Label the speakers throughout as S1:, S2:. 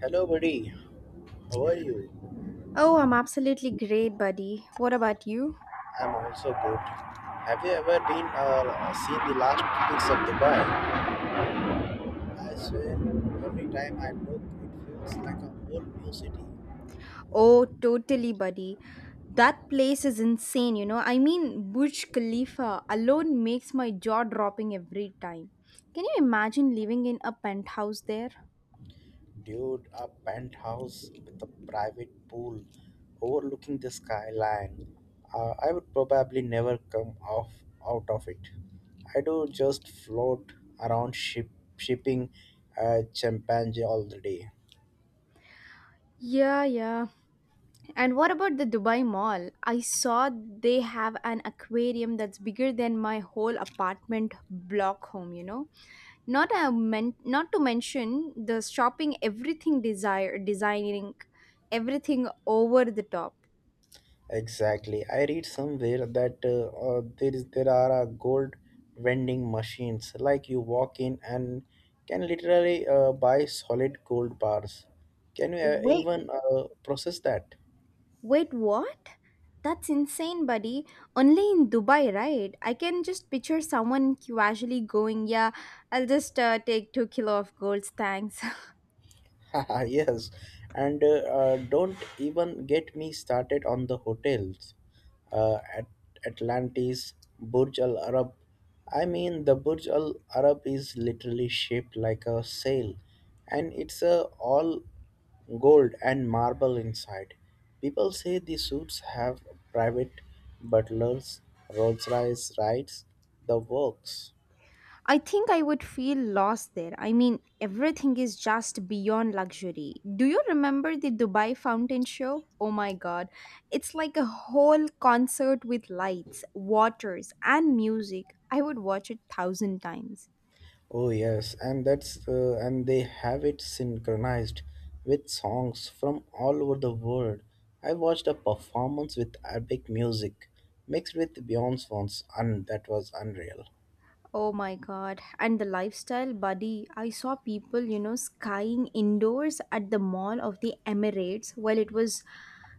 S1: Hello, buddy. How are you?
S2: Oh, I'm absolutely great, buddy. What about you?
S1: I'm also good. Have you ever been or seen the last pics of Dubai? I swear, every time I look, it feels like a whole new city.
S2: Oh, totally, buddy. That place is insane, you know. I mean, Burj Khalifa alone makes my jaw dropping every time. Can you imagine living in a penthouse there?
S1: Dude, a penthouse with a private pool overlooking the skyline. I would probably never come off out of it. I do just float around shipping champagne all the day.
S2: Yeah, yeah. And what about the Dubai Mall? I saw they have an aquarium that's bigger than my whole apartment block home, not to mention the shopping everything desire designing everything over the top.
S1: Exactly. I read somewhere that there are gold vending machines. Like you walk in and can literally buy solid gold bars. Can you
S2: Wait,
S1: even process that?
S2: wait, what? That's insane, buddy. Only in Dubai, right? I can just picture someone casually going, yeah, I'll just take 2 kilo of golds, thanks.
S1: Yes, and don't even get me started on the hotels. At Atlantis, Burj Al Arab. I mean, the Burj Al Arab is literally shaped like a sail, and it's all gold and marble inside. People say the suits have private butlers, Rolls Royce rides, the works.
S2: I think I would feel lost there. I mean, everything is just beyond luxury. Do you remember the Dubai Fountain Show? Oh my god. It's like a whole concert with lights, waters, and music. I would watch it thousand times.
S1: Oh yes, and they have it synchronized with songs from all over the world. I watched a performance with epic music mixed with Beyonce's ones, and that was unreal.
S2: Oh my god. And the lifestyle, buddy. I saw people, you know, skying indoors at the Mall of the Emirates while it was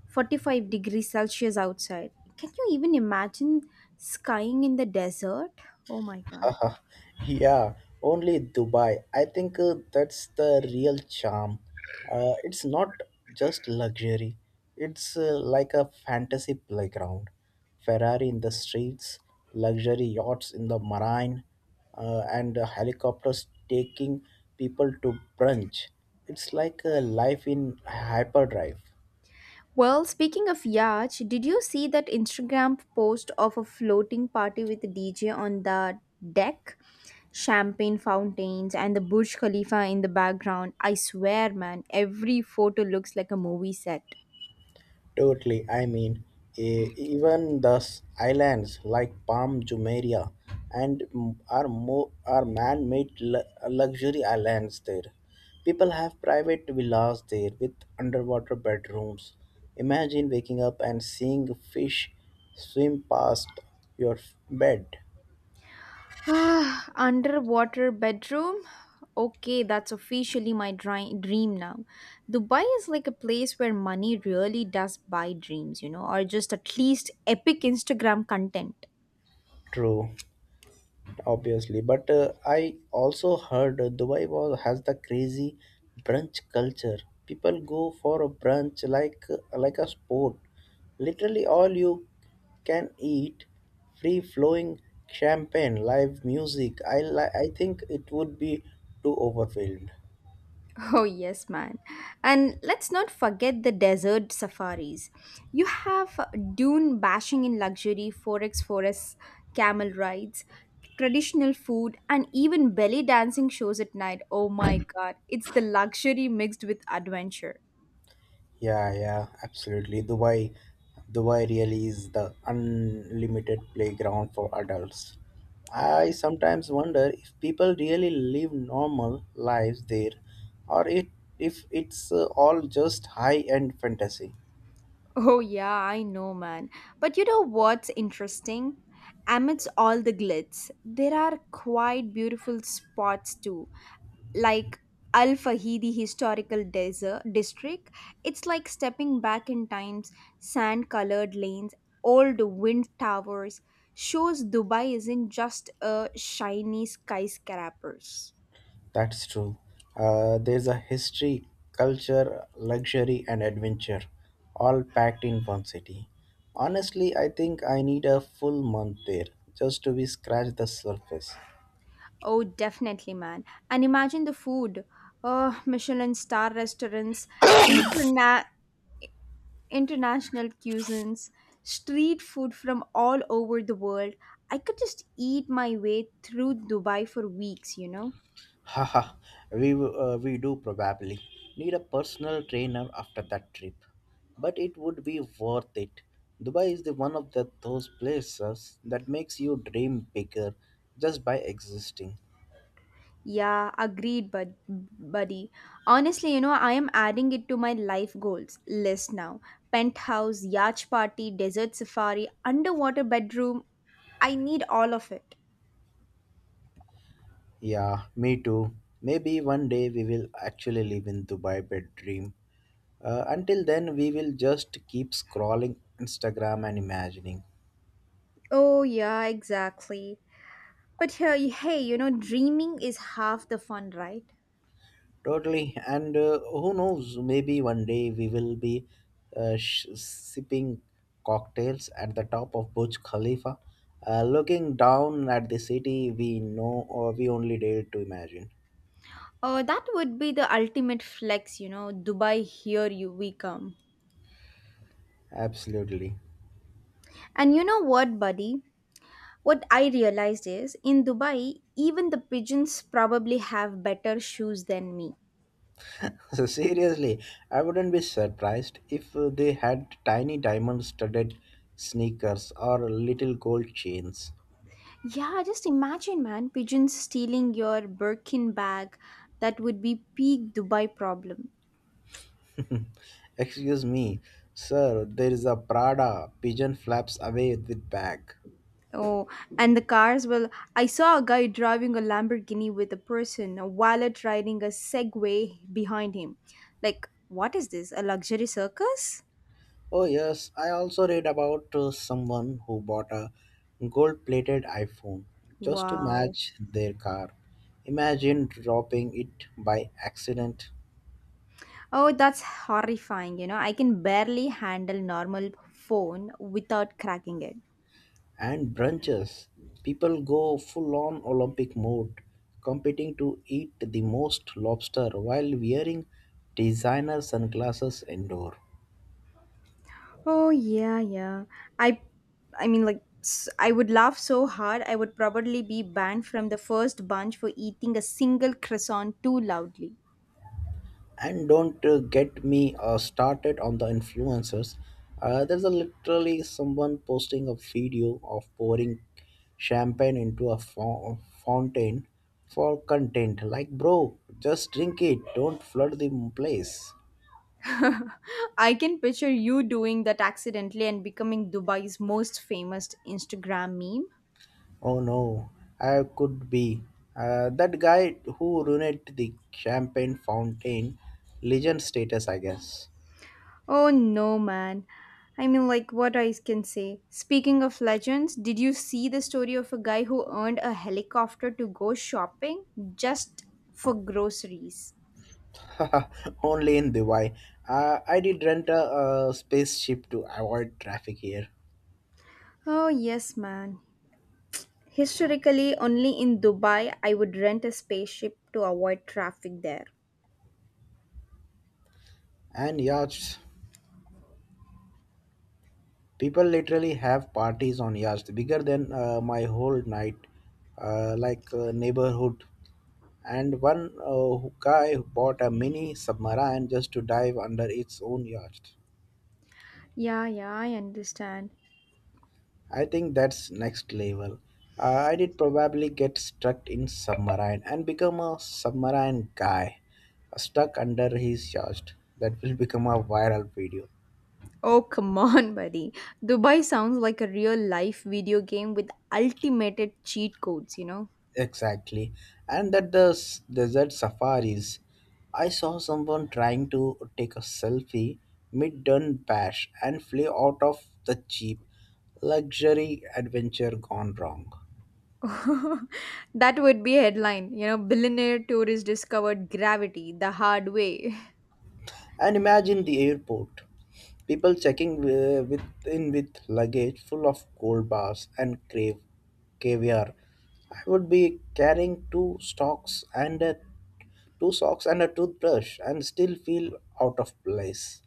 S2: 45 degrees Celsius outside. Can you even imagine skying in the desert? Oh my god.
S1: Yeah, only Dubai. I think that's the real charm. It's not just luxury, it's like a fantasy playground. Ferrari in the streets, luxury yachts in the marine, and helicopters taking people to brunch. It's like a life in hyperdrive.
S2: Well, speaking of yacht, did you see that Instagram post of a floating party with a DJ on the deck? Champagne fountains and the Burj Khalifa in the background. I swear, man, every photo looks like a movie set.
S1: Totally. I mean, even the islands like Palm Jumeirah and m- are more are man-made luxury islands there. People have private villas there with underwater bedrooms. Imagine waking up and seeing fish swim past your bed.
S2: Ah, underwater bedroom? Okay, that's officially my dream now. Dubai is like a place where money really does buy dreams, you know, or just at least epic Instagram content.
S1: True. Obviously, but I also heard Dubai was has the crazy brunch culture. People go for a brunch like a sport, literally all you can eat, free flowing champagne, live music. I think it would be too overwhelmed.
S2: Oh, yes, man. And let's not forget the desert safaris. You have dune bashing in luxury, four forex forests, camel rides, traditional food, and even belly dancing shows at night. Oh my god, it's the luxury mixed with adventure.
S1: Yeah, yeah, absolutely. Dubai really is the unlimited playground for adults. I sometimes wonder if people really live normal lives there, or it if it's all just high-end fantasy.
S2: Oh, yeah, I know, man. But you know what's interesting? Amidst all the glitz, there are quite beautiful spots too, like Al Fahidi Historical Desert District. It's like stepping back in time's sand colored lanes, old wind towers, shows Dubai isn't just a shiny skyscrapers.
S1: That's true. There's a history, culture, luxury, and adventure, all packed in one city. Honestly, I think I need a full month there just to be scratch the surface.
S2: Oh, definitely, man. And imagine the food. Oh, Michelin star restaurants, interna- international cuisines, street food from all over the world. I could just eat my way through Dubai for weeks, you know.
S1: Haha, we do probably need a personal trainer after that trip. But it would be worth it. Dubai is the one of the, those places that makes you dream bigger just by existing.
S2: Yeah, agreed, buddy. Honestly, you know, I am adding it to my life goals list now. Penthouse, yacht party, desert safari, underwater bedroom. I need all of it.
S1: Yeah, me too. Maybe one day we will actually live in Dubai bed dream. Until then, we will just keep scrolling Instagram and imagining.
S2: Oh, yeah, exactly. But hey, hey, you know, dreaming is half the fun, right?
S1: Totally. And who knows, maybe one day we will be sipping cocktails at the top of Burj Khalifa, looking down at the city we know or we only dared to imagine.
S2: Oh, that would be the ultimate flex, you know. Dubai, here you we come.
S1: Absolutely.
S2: And you know what, buddy? What I realized is in Dubai, even the pigeons probably have better shoes than me.
S1: So, seriously, I wouldn't be surprised if they had tiny diamond studded sneakers or little gold chains.
S2: Yeah, just imagine, man, pigeons stealing your Birkin bag. That would be peak Dubai problem.
S1: Excuse me, sir, there is a Prada pigeon flaps away with bag.
S2: Oh, and the cars. Well, I saw a guy driving a Lamborghini with a person, a wallet riding a Segway behind him. Like, what is this? A luxury circus?
S1: Oh, yes, I also read about someone who bought a gold plated iPhone just to
S2: Wow.
S1: match their car. Imagine dropping it by accident.
S2: Oh, that's horrifying. You know, I can barely handle normal phone without cracking it.
S1: And brunches. People go full on Olympic mode, competing to eat the most lobster while wearing designer sunglasses indoor.
S2: Oh, yeah, yeah. I I mean like I would laugh so hard I would probably be banned from the first bunch for eating a single croissant too loudly.
S1: And don't get me started on the influencers. There's a literally someone posting a video of pouring champagne into a fountain for content. Like, bro, just drink it. Don't flood the place.
S2: I can picture you doing that accidentally and becoming Dubai's most famous Instagram meme.
S1: Oh no, I could be. That guy who ruined the champagne fountain, legend status, I guess.
S2: Oh no, man. I mean, like, what I can say. Speaking of legends, did you see the story of a guy who earned a helicopter to go shopping just for groceries?
S1: Only in Dubai. I did rent a spaceship to avoid traffic here.
S2: Oh, yes, man. Historically, only in Dubai I would rent a spaceship to avoid traffic there.
S1: And yachts. People literally have parties on yachts bigger than my whole night, neighborhood. And one guy bought a mini submarine just to dive under its own yacht.
S2: Yeah, yeah, I understand.
S1: I think that's next level. I did probably get stuck in submarine and become a submarine guy, stuck under his yacht. That will become a viral video.
S2: Oh, come on, buddy. Dubai sounds like a real life video game with ultimated cheat codes, you know?
S1: Exactly, and that the desert safaris. I saw someone trying to take a selfie mid done bash and flew out of the jeep. Luxury adventure gone wrong.
S2: That would be a headline, you know, billionaire tourist discovered gravity the hard way.
S1: And imagine the airport. People checking in with luggage full of gold bars and caviar. I would be carrying two socks and a toothbrush and still feel out of place.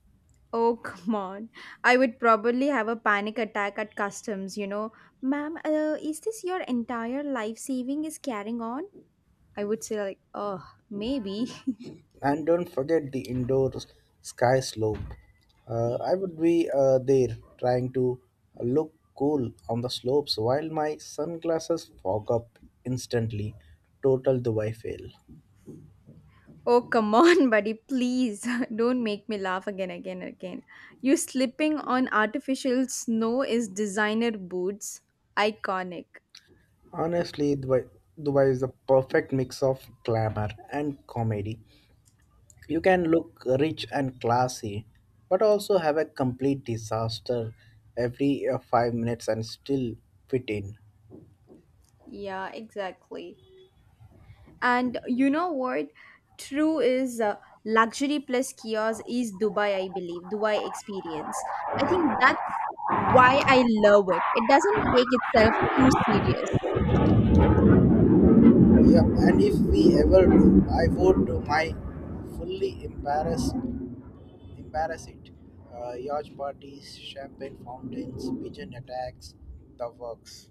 S2: Oh, come on. I would probably have a panic attack at customs, you know. Ma'am, is this your entire life saving is carrying on? I would say, like, oh, maybe.
S1: And don't forget the indoor sky slope. I would be there trying to look cool on the slopes while my sunglasses fog up instantly. Total Dubai fail.
S2: Oh, come on, buddy, please. Don't make me laugh again, again, again. You slipping on artificial snow is designer boots. Iconic.
S1: Honestly, Dubai is the perfect mix of glamour and comedy. You can look rich and classy, but also have a complete disaster every 5 minutes and still fit in.
S2: Yeah, exactly. And you know what? True is luxury plus kiosk is Dubai, I believe, Dubai experience. I think that's why I love it. It doesn't take itself too serious.
S1: Yeah, and if we ever do, I would do my fully embarrass, embarrass it. Yacht parties, champagne fountains, pigeon attacks, the works.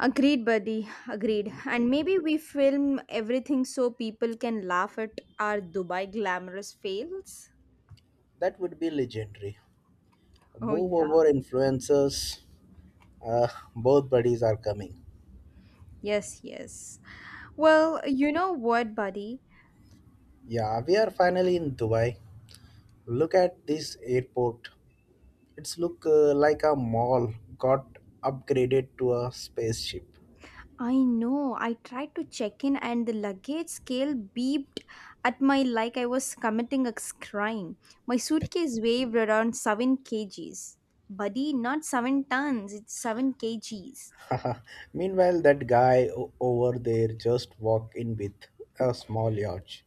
S2: Agreed, buddy. Agreed. And maybe we film everything so people can laugh at our Dubai glamorous fails.
S1: That would be legendary.
S2: Oh,
S1: Move
S2: yeah.
S1: over influencers. Uh, both buddies are coming.
S2: Yes, yes. Well, you know what, buddy?
S1: Yeah, we are finally in Dubai. Look at this airport. It's look like a mall got upgraded to a spaceship.
S2: I know. I tried to check in and the luggage scale beeped at my like I was committing a crime. My suitcase weighed around 7 kg kgs. Buddy, not 7 tons, it's 7 kg kgs.
S1: Meanwhile, that guy over there just walk in with a small yacht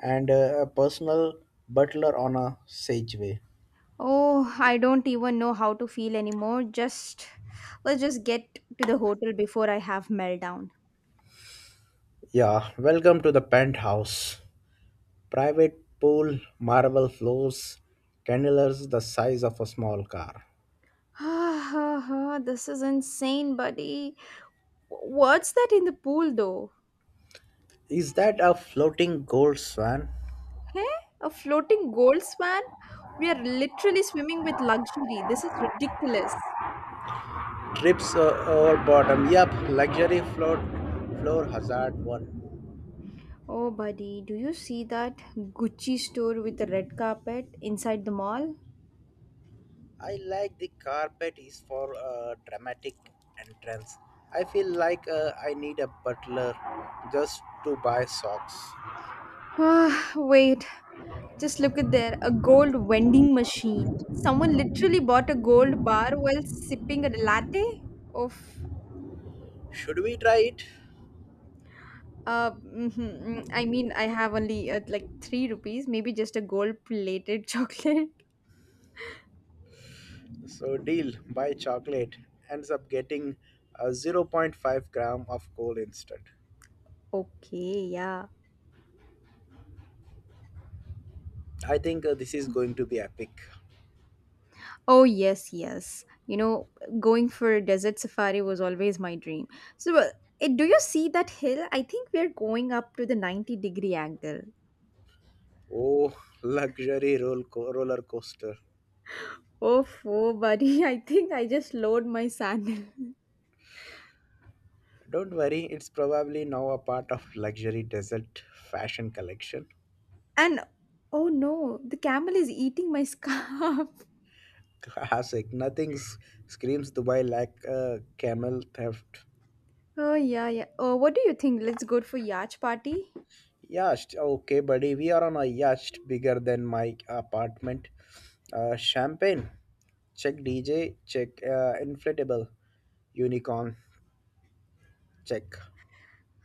S1: and a personal butler on a sageway.
S2: Oh, I don't even know how to feel anymore. Just let's just get to the hotel before I have meltdown.
S1: Yeah, welcome to the penthouse. Private pool, marble floors, candelabras the size of a small car.
S2: This is insane, buddy. What's that in the pool though?
S1: Is that a floating gold swan?
S2: Hey, a floating gold swan? We are literally swimming with luxury. This is ridiculous.
S1: Trips over bottom. Yup, luxury float floor hazard one.
S2: Oh, buddy, do you see that Gucci store with the red carpet inside the mall?
S1: I like the carpet is for a dramatic entrance. I feel like I need a butler just to buy socks.
S2: Ah, wait. Just look at there, a gold vending machine. Someone literally bought a gold bar while sipping a latte of
S1: Should we try it?
S2: mhm, I mean I have only like 3 rupees, maybe just a gold plated chocolate.
S1: So deal, buy chocolate. Ends up getting a 0.5 gram of coal instead.
S2: Okay, yeah.
S1: I think this is going to be epic.
S2: Oh, yes, yes. You know, going for a desert safari was always my dream. So, uh, do you see that hill? I think we're going up to the 90-degree angle.
S1: Oh, luxury roller coaster.
S2: Oh, oh, buddy, I think I just lowered my sandal.
S1: Don't worry, it's probably now a part of luxury desert fashion collection.
S2: And oh no, the camel is eating my scarf.
S1: Classic. Nothing screams Dubai like camel theft.
S2: Oh, yeah, yeah. Oh, what do you think? Let's go for yacht party?
S1: Yacht. Okay, buddy. We are on a yacht bigger than my apartment. Champagne. Check DJ. Check inflatable. Unicorn. Check.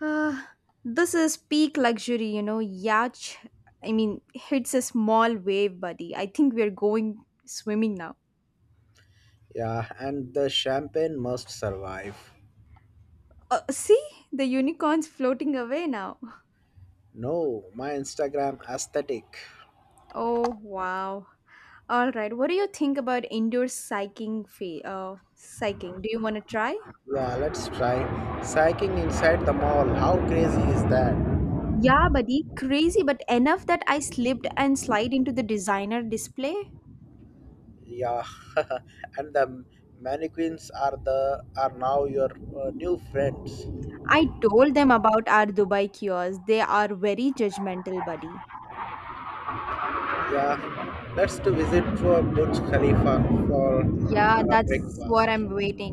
S2: Ah, this is peak luxury, you know. Yacht, I mean, hits a small wave, buddy. I think we're going swimming now.
S1: Yeah, and the champagne must survive.
S2: See the unicorns floating away now.
S1: No, my Instagram aesthetic.
S2: Oh wow! All right, what do you think about indoor cycling? Fee, cycling. Do you want to try?
S1: Yeah, let's try cycling inside the mall. How crazy is that?
S2: Yeah, buddy, crazy, but enough that I slipped and slide into the designer display.
S1: Yeah, and the mannequins are now your new friends.
S2: I told them about our Dubai kiosk. They are very judgmental, buddy.
S1: Yeah, let's to visit for Burj Khalifa for
S2: Yeah, that's what
S1: breakfast.
S2: I'm waiting.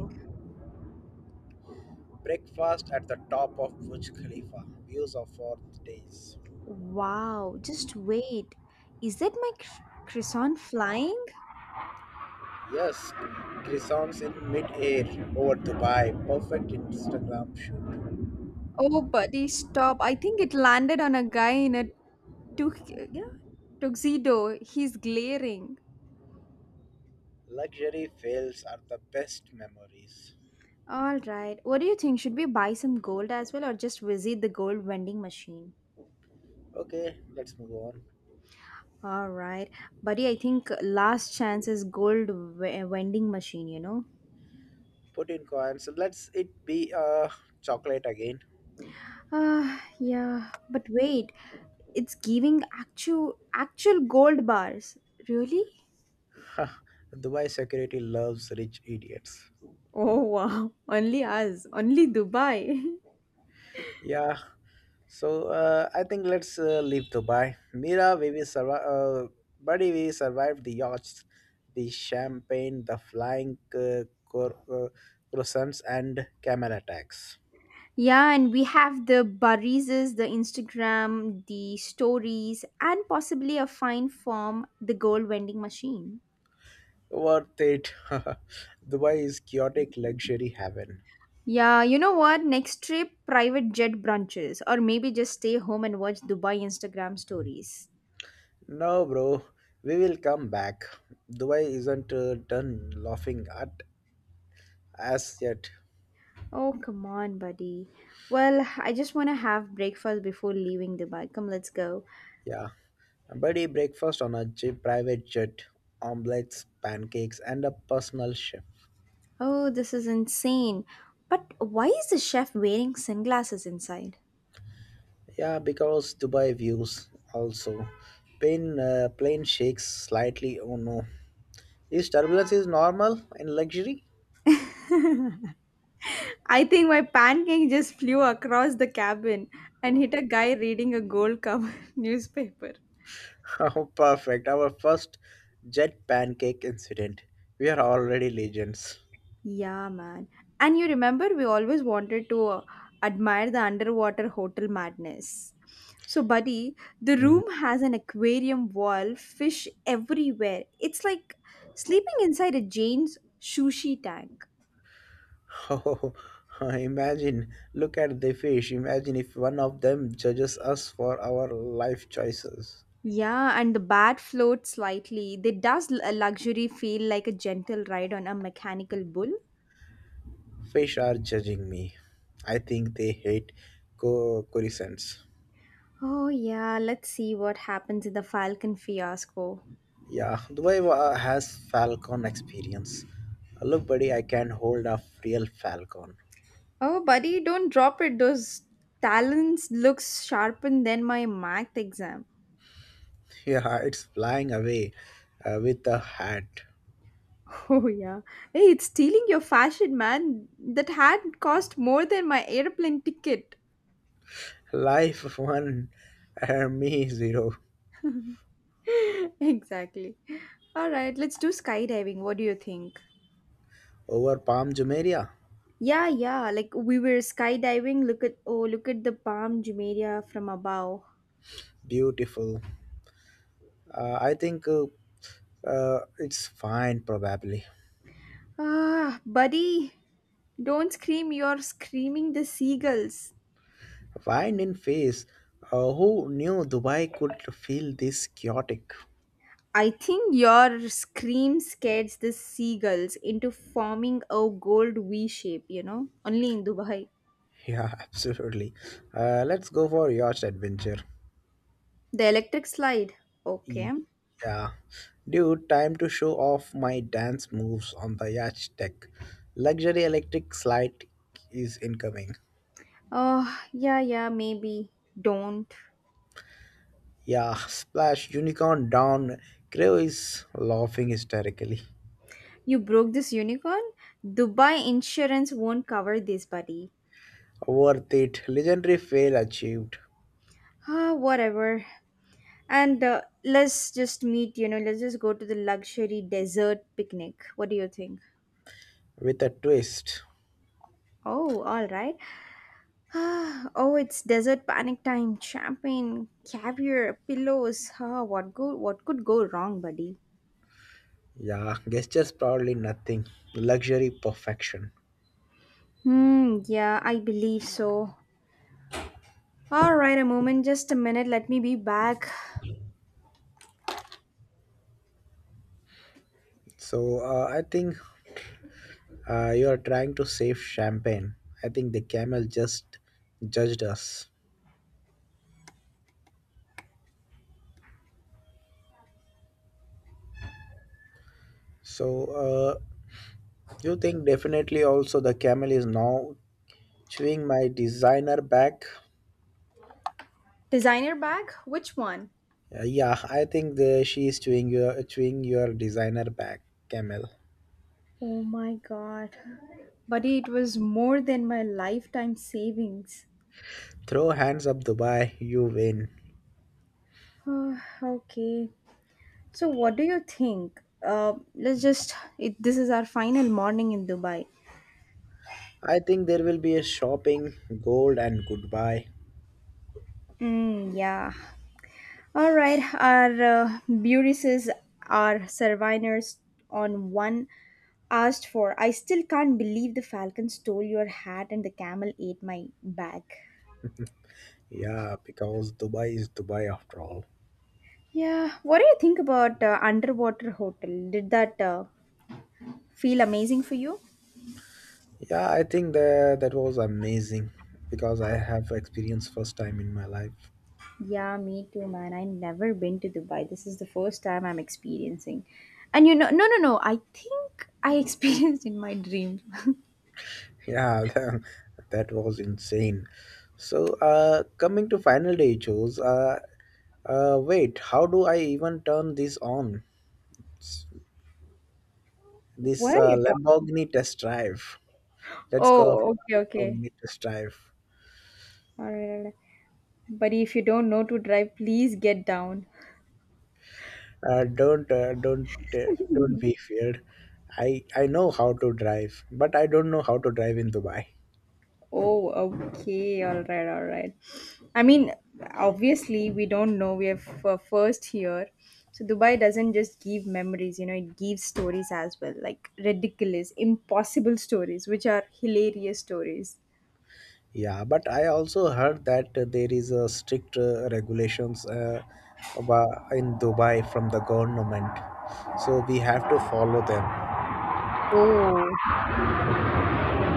S1: Breakfast at the top of Burj Khalifa. Views of 4 days.
S2: Wow, just wait. Is that my croissant flying?
S1: Yes, croissants in mid-air over Dubai. Perfect Instagram shoot.
S2: Oh, buddy, stop. I think it landed on a guy in a tu- yeah, tuxedo. He's glaring.
S1: Luxury fails are the best memories.
S2: All right. What do you think? Should we buy some gold as well or just visit the gold vending machine?
S1: Okay, let's move on.
S2: All right. Buddy, I think last chance is gold vending machine, you know?
S1: Put in coins. Let's it be chocolate again.
S2: Ah, yeah. But wait, it's giving actual actual gold bars. Really?
S1: Dubai security loves rich idiots.
S2: Oh, wow. Only us. Only Dubai.
S1: Yeah. So I think let's leave Dubai. Mira, we will survive. Buddy, we survived the yachts, the champagne, the flying croissants, and camel attacks.
S2: Yeah, and we have the Barrises, the Instagram, the stories, and possibly a fine form, the gold vending machine.
S1: Worth it. Dubai is chaotic luxury heaven.
S2: Yeah, you know what? Next trip, private jet brunches, or maybe just stay home and watch Dubai Instagram stories.
S1: No, bro, we will come back. Dubai isn't done laughing at us yet.
S2: Oh, come on, buddy. Well, I just want to have breakfast before leaving Dubai. Come, let's go.
S1: Yeah, a buddy breakfast on private jet, omelets, pancakes, and a personal chef.
S2: Oh, this is insane. But why is the chef wearing sunglasses inside?
S1: Yeah, because Dubai views also. Plane shakes slightly. Oh no, is turbulence is normal in luxury?
S2: I think my pancake just flew across the cabin and hit a guy reading a gold cover newspaper.
S1: Oh, perfect. Our first jet pancake incident. We are already legends.
S2: Yeah, man. And you remember we always wanted to admire the underwater hotel madness. So, buddy, the
S1: Hmm.
S2: room has an aquarium wall, fish everywhere. It's like sleeping inside a Jane's sushi tank.
S1: Oh, imagine, look at the fish. Imagine if one of them judges us for our life choices.
S2: Yeah, and the bat floats slightly. They does a luxury feel like a gentle ride on a mechanical bull.
S1: Fish are judging me. I think they hate corisons.
S2: Oh, yeah, let's see what happens in the Falcon fiasco.
S1: Yeah, Dubai has falcon experience. Look, buddy, I can hold a real falcon.
S2: Oh, buddy, don't drop it. Those talons looks sharpened than my math exam.
S1: Yeah, it's flying away with a hat.
S2: Oh, yeah. Hey, it's stealing your fashion, man. That hat cost more than my airplane ticket.
S1: Life one, and me zero.
S2: Exactly. All right, let's do skydiving. What do you think?
S1: Over Palm Jumeirah,
S2: Yeah, yeah. Like we were skydiving. Look at oh, look at the Palm Jumeirah from above.
S1: beautiful. I think it's fine, probably.
S2: Ah, buddy, don't scream, you're screaming the seagulls.
S1: Wine in face. Who knew Dubai could feel this chaotic?
S2: I think your scream scares the seagulls into forming a gold V shape, you know? Only in Dubai.
S1: Yeah, absolutely. Let's go for yacht adventure.
S2: The electric slide.
S1: Y-
S2: Okay.
S1: Yeah, dude, time to show off my dance moves on the yacht deck. Luxury electric slide is incoming.
S2: Oh, yeah, yeah, maybe. Don't.
S1: Yeah, splash unicorn down. Crew is laughing hysterically.
S2: You broke this unicorn? Dubai insurance won't cover this, buddy.
S1: Worth it. Legendary fail achieved.
S2: Ah, whatever. And let's just meet, you know, let's just go to the luxury desert picnic. What do you think?
S1: With a twist.
S2: Oh, all right. Ah, oh, it's desert panic time. Champagne, caviar, pillows. Ah, what go? What could go wrong, buddy?
S1: Yeah, gestures probably nothing. Luxury perfection.
S2: Hmm. Yeah, I believe so. All right, a moment, just a minute. Let me be back.
S1: So I think you are trying to save champagne. I think the camel just judged us. So you think definitely also the camel is now chewing my designer bag.
S2: Designer bag? Which one?
S1: Yeah, I think she is chewing your designer bag, camel.
S2: Oh my god, buddy, it was more than my lifetime savings.
S1: Throw hands up, Dubai. You win.
S2: Ah, okay. So, what do you think? Let's just. It, this is our final morning in Dubai.
S1: I think there will be a shopping, gold, and goodbye.
S2: Mm, yeah. All right, our Burises are Survivors on one asked for. I still can't believe the falcon stole your hat and the camel ate my bag.
S1: Yeah, because Dubai is Dubai after all.
S2: Yeah, what do you think about underwater hotel? Did that feel amazing for you?
S1: Yeah, I think that was amazing because I have experienced first time in my life.
S2: Yeah, me too, man. I never been to Dubai. This is the first time I'm experiencing. And you know, no, no, no. I think I experienced in my dream.
S1: Yeah, that was insane. So, coming to final day shows. Wait, how do I even turn this on?
S2: What
S1: This
S2: are you talking?
S1: Lamborghini test drive. Let's go
S2: Oh, okay,
S1: for a
S2: okay.
S1: Lamborghini test drive.
S2: All right, all right. Buddy, if you don't know to drive, please get down.
S1: Uh, don't uh, don't don't be feared. I know how to drive, but I don't know how to drive in Dubai.
S2: Oh, okay. All right, all right. I mean, obviously, we don't know. We are first here. So, Dubai doesn't just give memories, you know, it gives stories as well, like ridiculous, impossible stories, which are hilarious stories.
S1: Yeah, but I also heard that there is a strict regulations about in Dubai from the government, so we have to follow them.
S2: Oh, okay.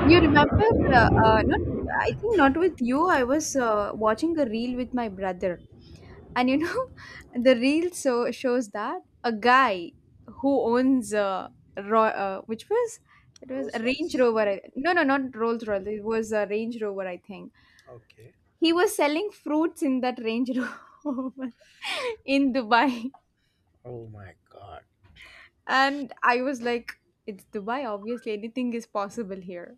S2: You remember, not, I think not with you, I was watching a reel with my brother. And you know the reel so shows that a guy who owns Ro- which was it was a
S1: Rolls
S2: range
S1: Royce.
S2: rover not rolls royce, it was a range rover I think.
S1: Okay.
S2: He was selling fruits in that range rover in Dubai.
S1: Oh my God.
S2: And I was like, it's Dubai, obviously anything is possible here.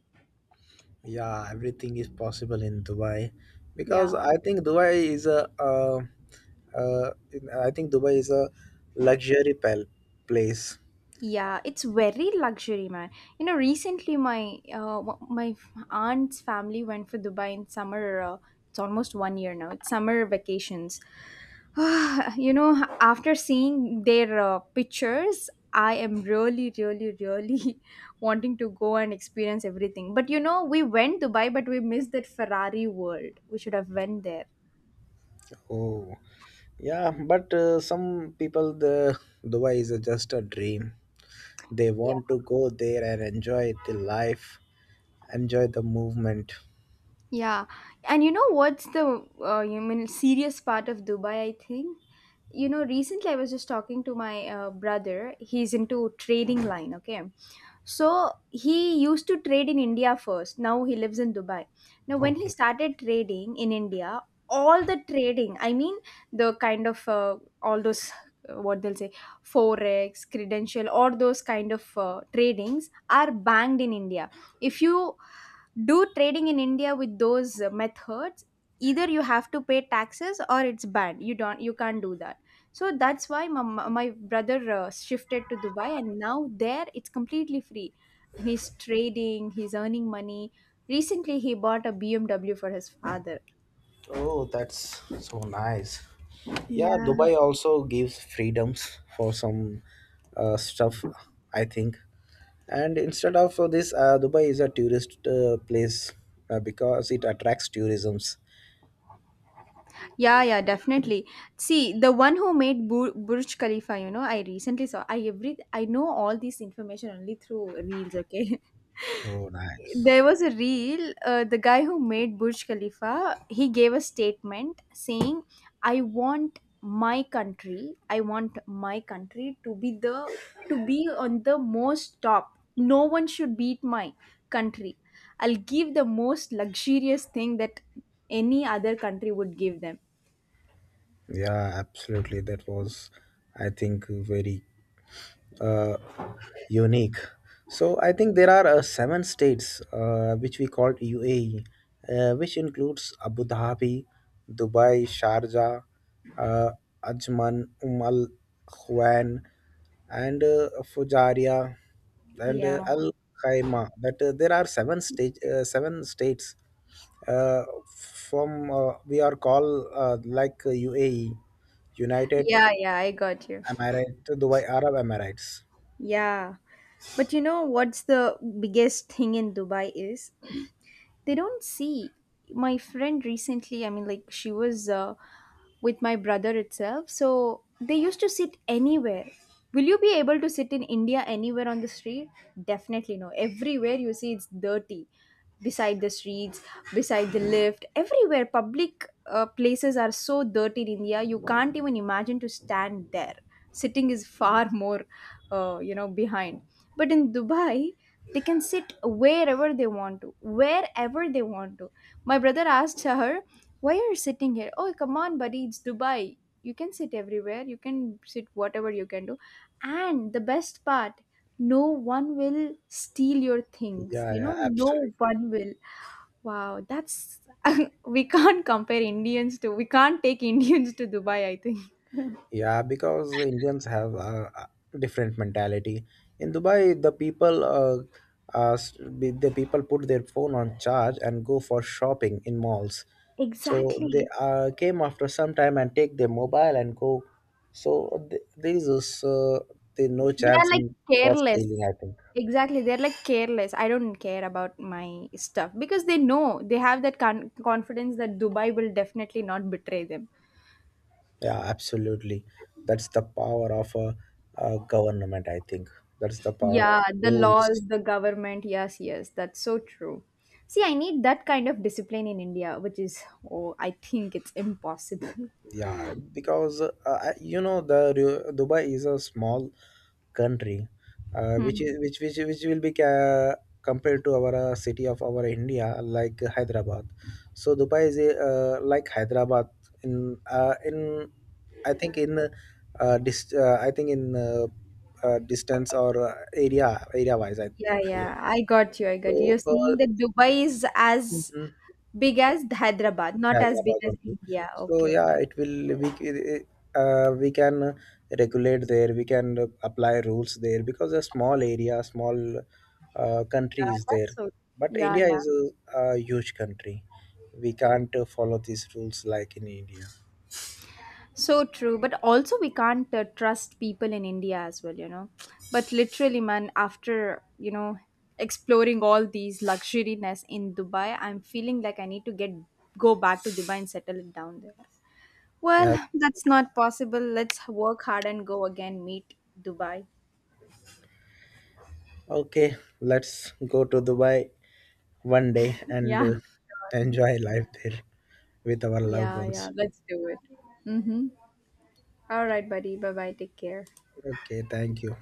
S1: Yeah, everything is possible in Dubai because
S2: Yeah.
S1: I think Dubai is a uh, I think Dubai is a luxury place.
S2: Yeah, it's very luxury, man. You know, recently my aunt's family went for Dubai in summer. It's almost one year now. It's summer vacations. You know, after seeing their pictures, I am really, really, really wanting to go and experience everything. But you know, we went Dubai, but we missed that Ferrari world. We should have went there.
S1: Oh, yeah, but some people, the Dubai is just a dream. They want to go there and enjoy the life, enjoy the movement.
S2: Yeah, and you know what's the you mean serious part of Dubai? I think you know recently I was just talking to my brother. He's into trading line. Okay, so he used to trade in India first. Now he lives in Dubai. Now when he
S1: Okay.
S2: started trading in India, all the trading, I mean the kind of all those what they'll say forex credential or those kind of tradings are banned in India. If you do trading in India with those methods, either you have to pay taxes or it's banned. You don't, you can't do that. So that's why my brother shifted to Dubai, and now there it's completely free. He's trading, he's earning money. Recently he bought a BMW for his father.
S1: Oh, that's so nice. Yeah,
S2: Yeah.
S1: Dubai also gives freedoms for some stuff, I think. And instead of this, Dubai is a tourist place because it attracts tourisms.
S2: Yeah, yeah, definitely. See, the one who made Burj Khalifa, you know, I recently saw. I know all this information only through reels. Okay,
S1: Oh, nice.
S2: there was a reel, the guy who made Burj Khalifa, he gave a statement saying, I want my country, I want my country to be the, to be on the most top. No one should beat my country. I'll give the most luxurious thing that any other country would give them.
S1: Yeah, absolutely. That was, I think, very uh, unique. So I think there are seven states which we called UAE, which includes Abu Dhabi, Dubai, Sharjah, uh, Ajman, Al Quwain, and Fujairah, and
S2: Yeah,
S1: Al Khaimah. That there are seven states uh, from we are called like UAE, United
S2: yeah, yeah, I got you.
S1: Emirates, Dubai Arab Emirates.
S2: Yeah, but you know what's the biggest thing in Dubai is they don't see. My friend recently, I mean, like she was with my brother itself, so they used to sit anywhere. Will you be able to sit in India anywhere on the street? Definitely no. Everywhere you see it's dirty, beside the streets, beside the lift, everywhere public places are so dirty in India. You can't even imagine to stand there. Sitting is far more you know behind. But in Dubai, they can sit wherever they want to, wherever they want to. My brother asked her, why are you sitting here? Oh come on buddy, it's Dubai. You can sit everywhere, you can sit whatever you can do. And the best part, no one will steal your things,
S1: Yeah,
S2: you
S1: yeah,
S2: know, no
S1: absolutely.
S2: one will. Wow, that's we can't take Indians to Dubai, I think.
S1: Yeah, because Indians have a different mentality. In Dubai, the people put their phone on charge and go for shopping in malls. So they
S2: Exactly.
S1: came after some time and take their mobile and go. So there is also, there no
S2: They are
S1: chance
S2: like
S1: in for stealing.
S2: careless.
S1: I think.
S2: Exactly, they're like careless. I don't care about my stuff, because they know they have that confidence that Dubai will definitely not betray them.
S1: Yeah, absolutely. That's the power of a government, I think. That's the power of
S2: Yeah, the
S1: rules.
S2: laws, the government. Yes, yes, that's so true. See, I need that kind of discipline in India, which is, oh, I think it's impossible.
S1: Yeah, because you know the Dubai is a small country, which
S2: Hmm.
S1: is which will be compared to our city of our India, like Hyderabad. So Dubai is a, like Hyderabad in I think in I think in distance or area wise. I,
S2: Yeah, yeah, I got you. I got you.
S1: So,
S2: You're saying that Dubai is as
S1: mhm,
S2: big as Hyderabad, not as big
S1: Hyderabad
S2: as
S1: only.
S2: India.
S1: So
S2: Okay, okay.
S1: yeah, it will we can regulate there. We can apply rules there because a small area, small country
S2: Yeah,
S1: is there.
S2: that's so.
S1: But
S2: Yeah,
S1: India
S2: yeah.
S1: is a huge country. We can't follow these rules like in India.
S2: So true, but also we can't trust people in India as well, you know. But literally, man, after you know exploring all these luxuriness in Dubai, I'm feeling like I need to get go back to Dubai and settle it down there.
S1: Right.
S2: Well, that's not possible. Let's work hard and go again. Meet Dubai.
S1: Okay, let's go to Dubai one day and
S2: Yeah,
S1: enjoy life there with our loved
S2: yeah, yeah.
S1: ones.
S2: Let's do it. Mm-hmm. All right, buddy. Bye bye. Take care.
S1: Okay, thank you.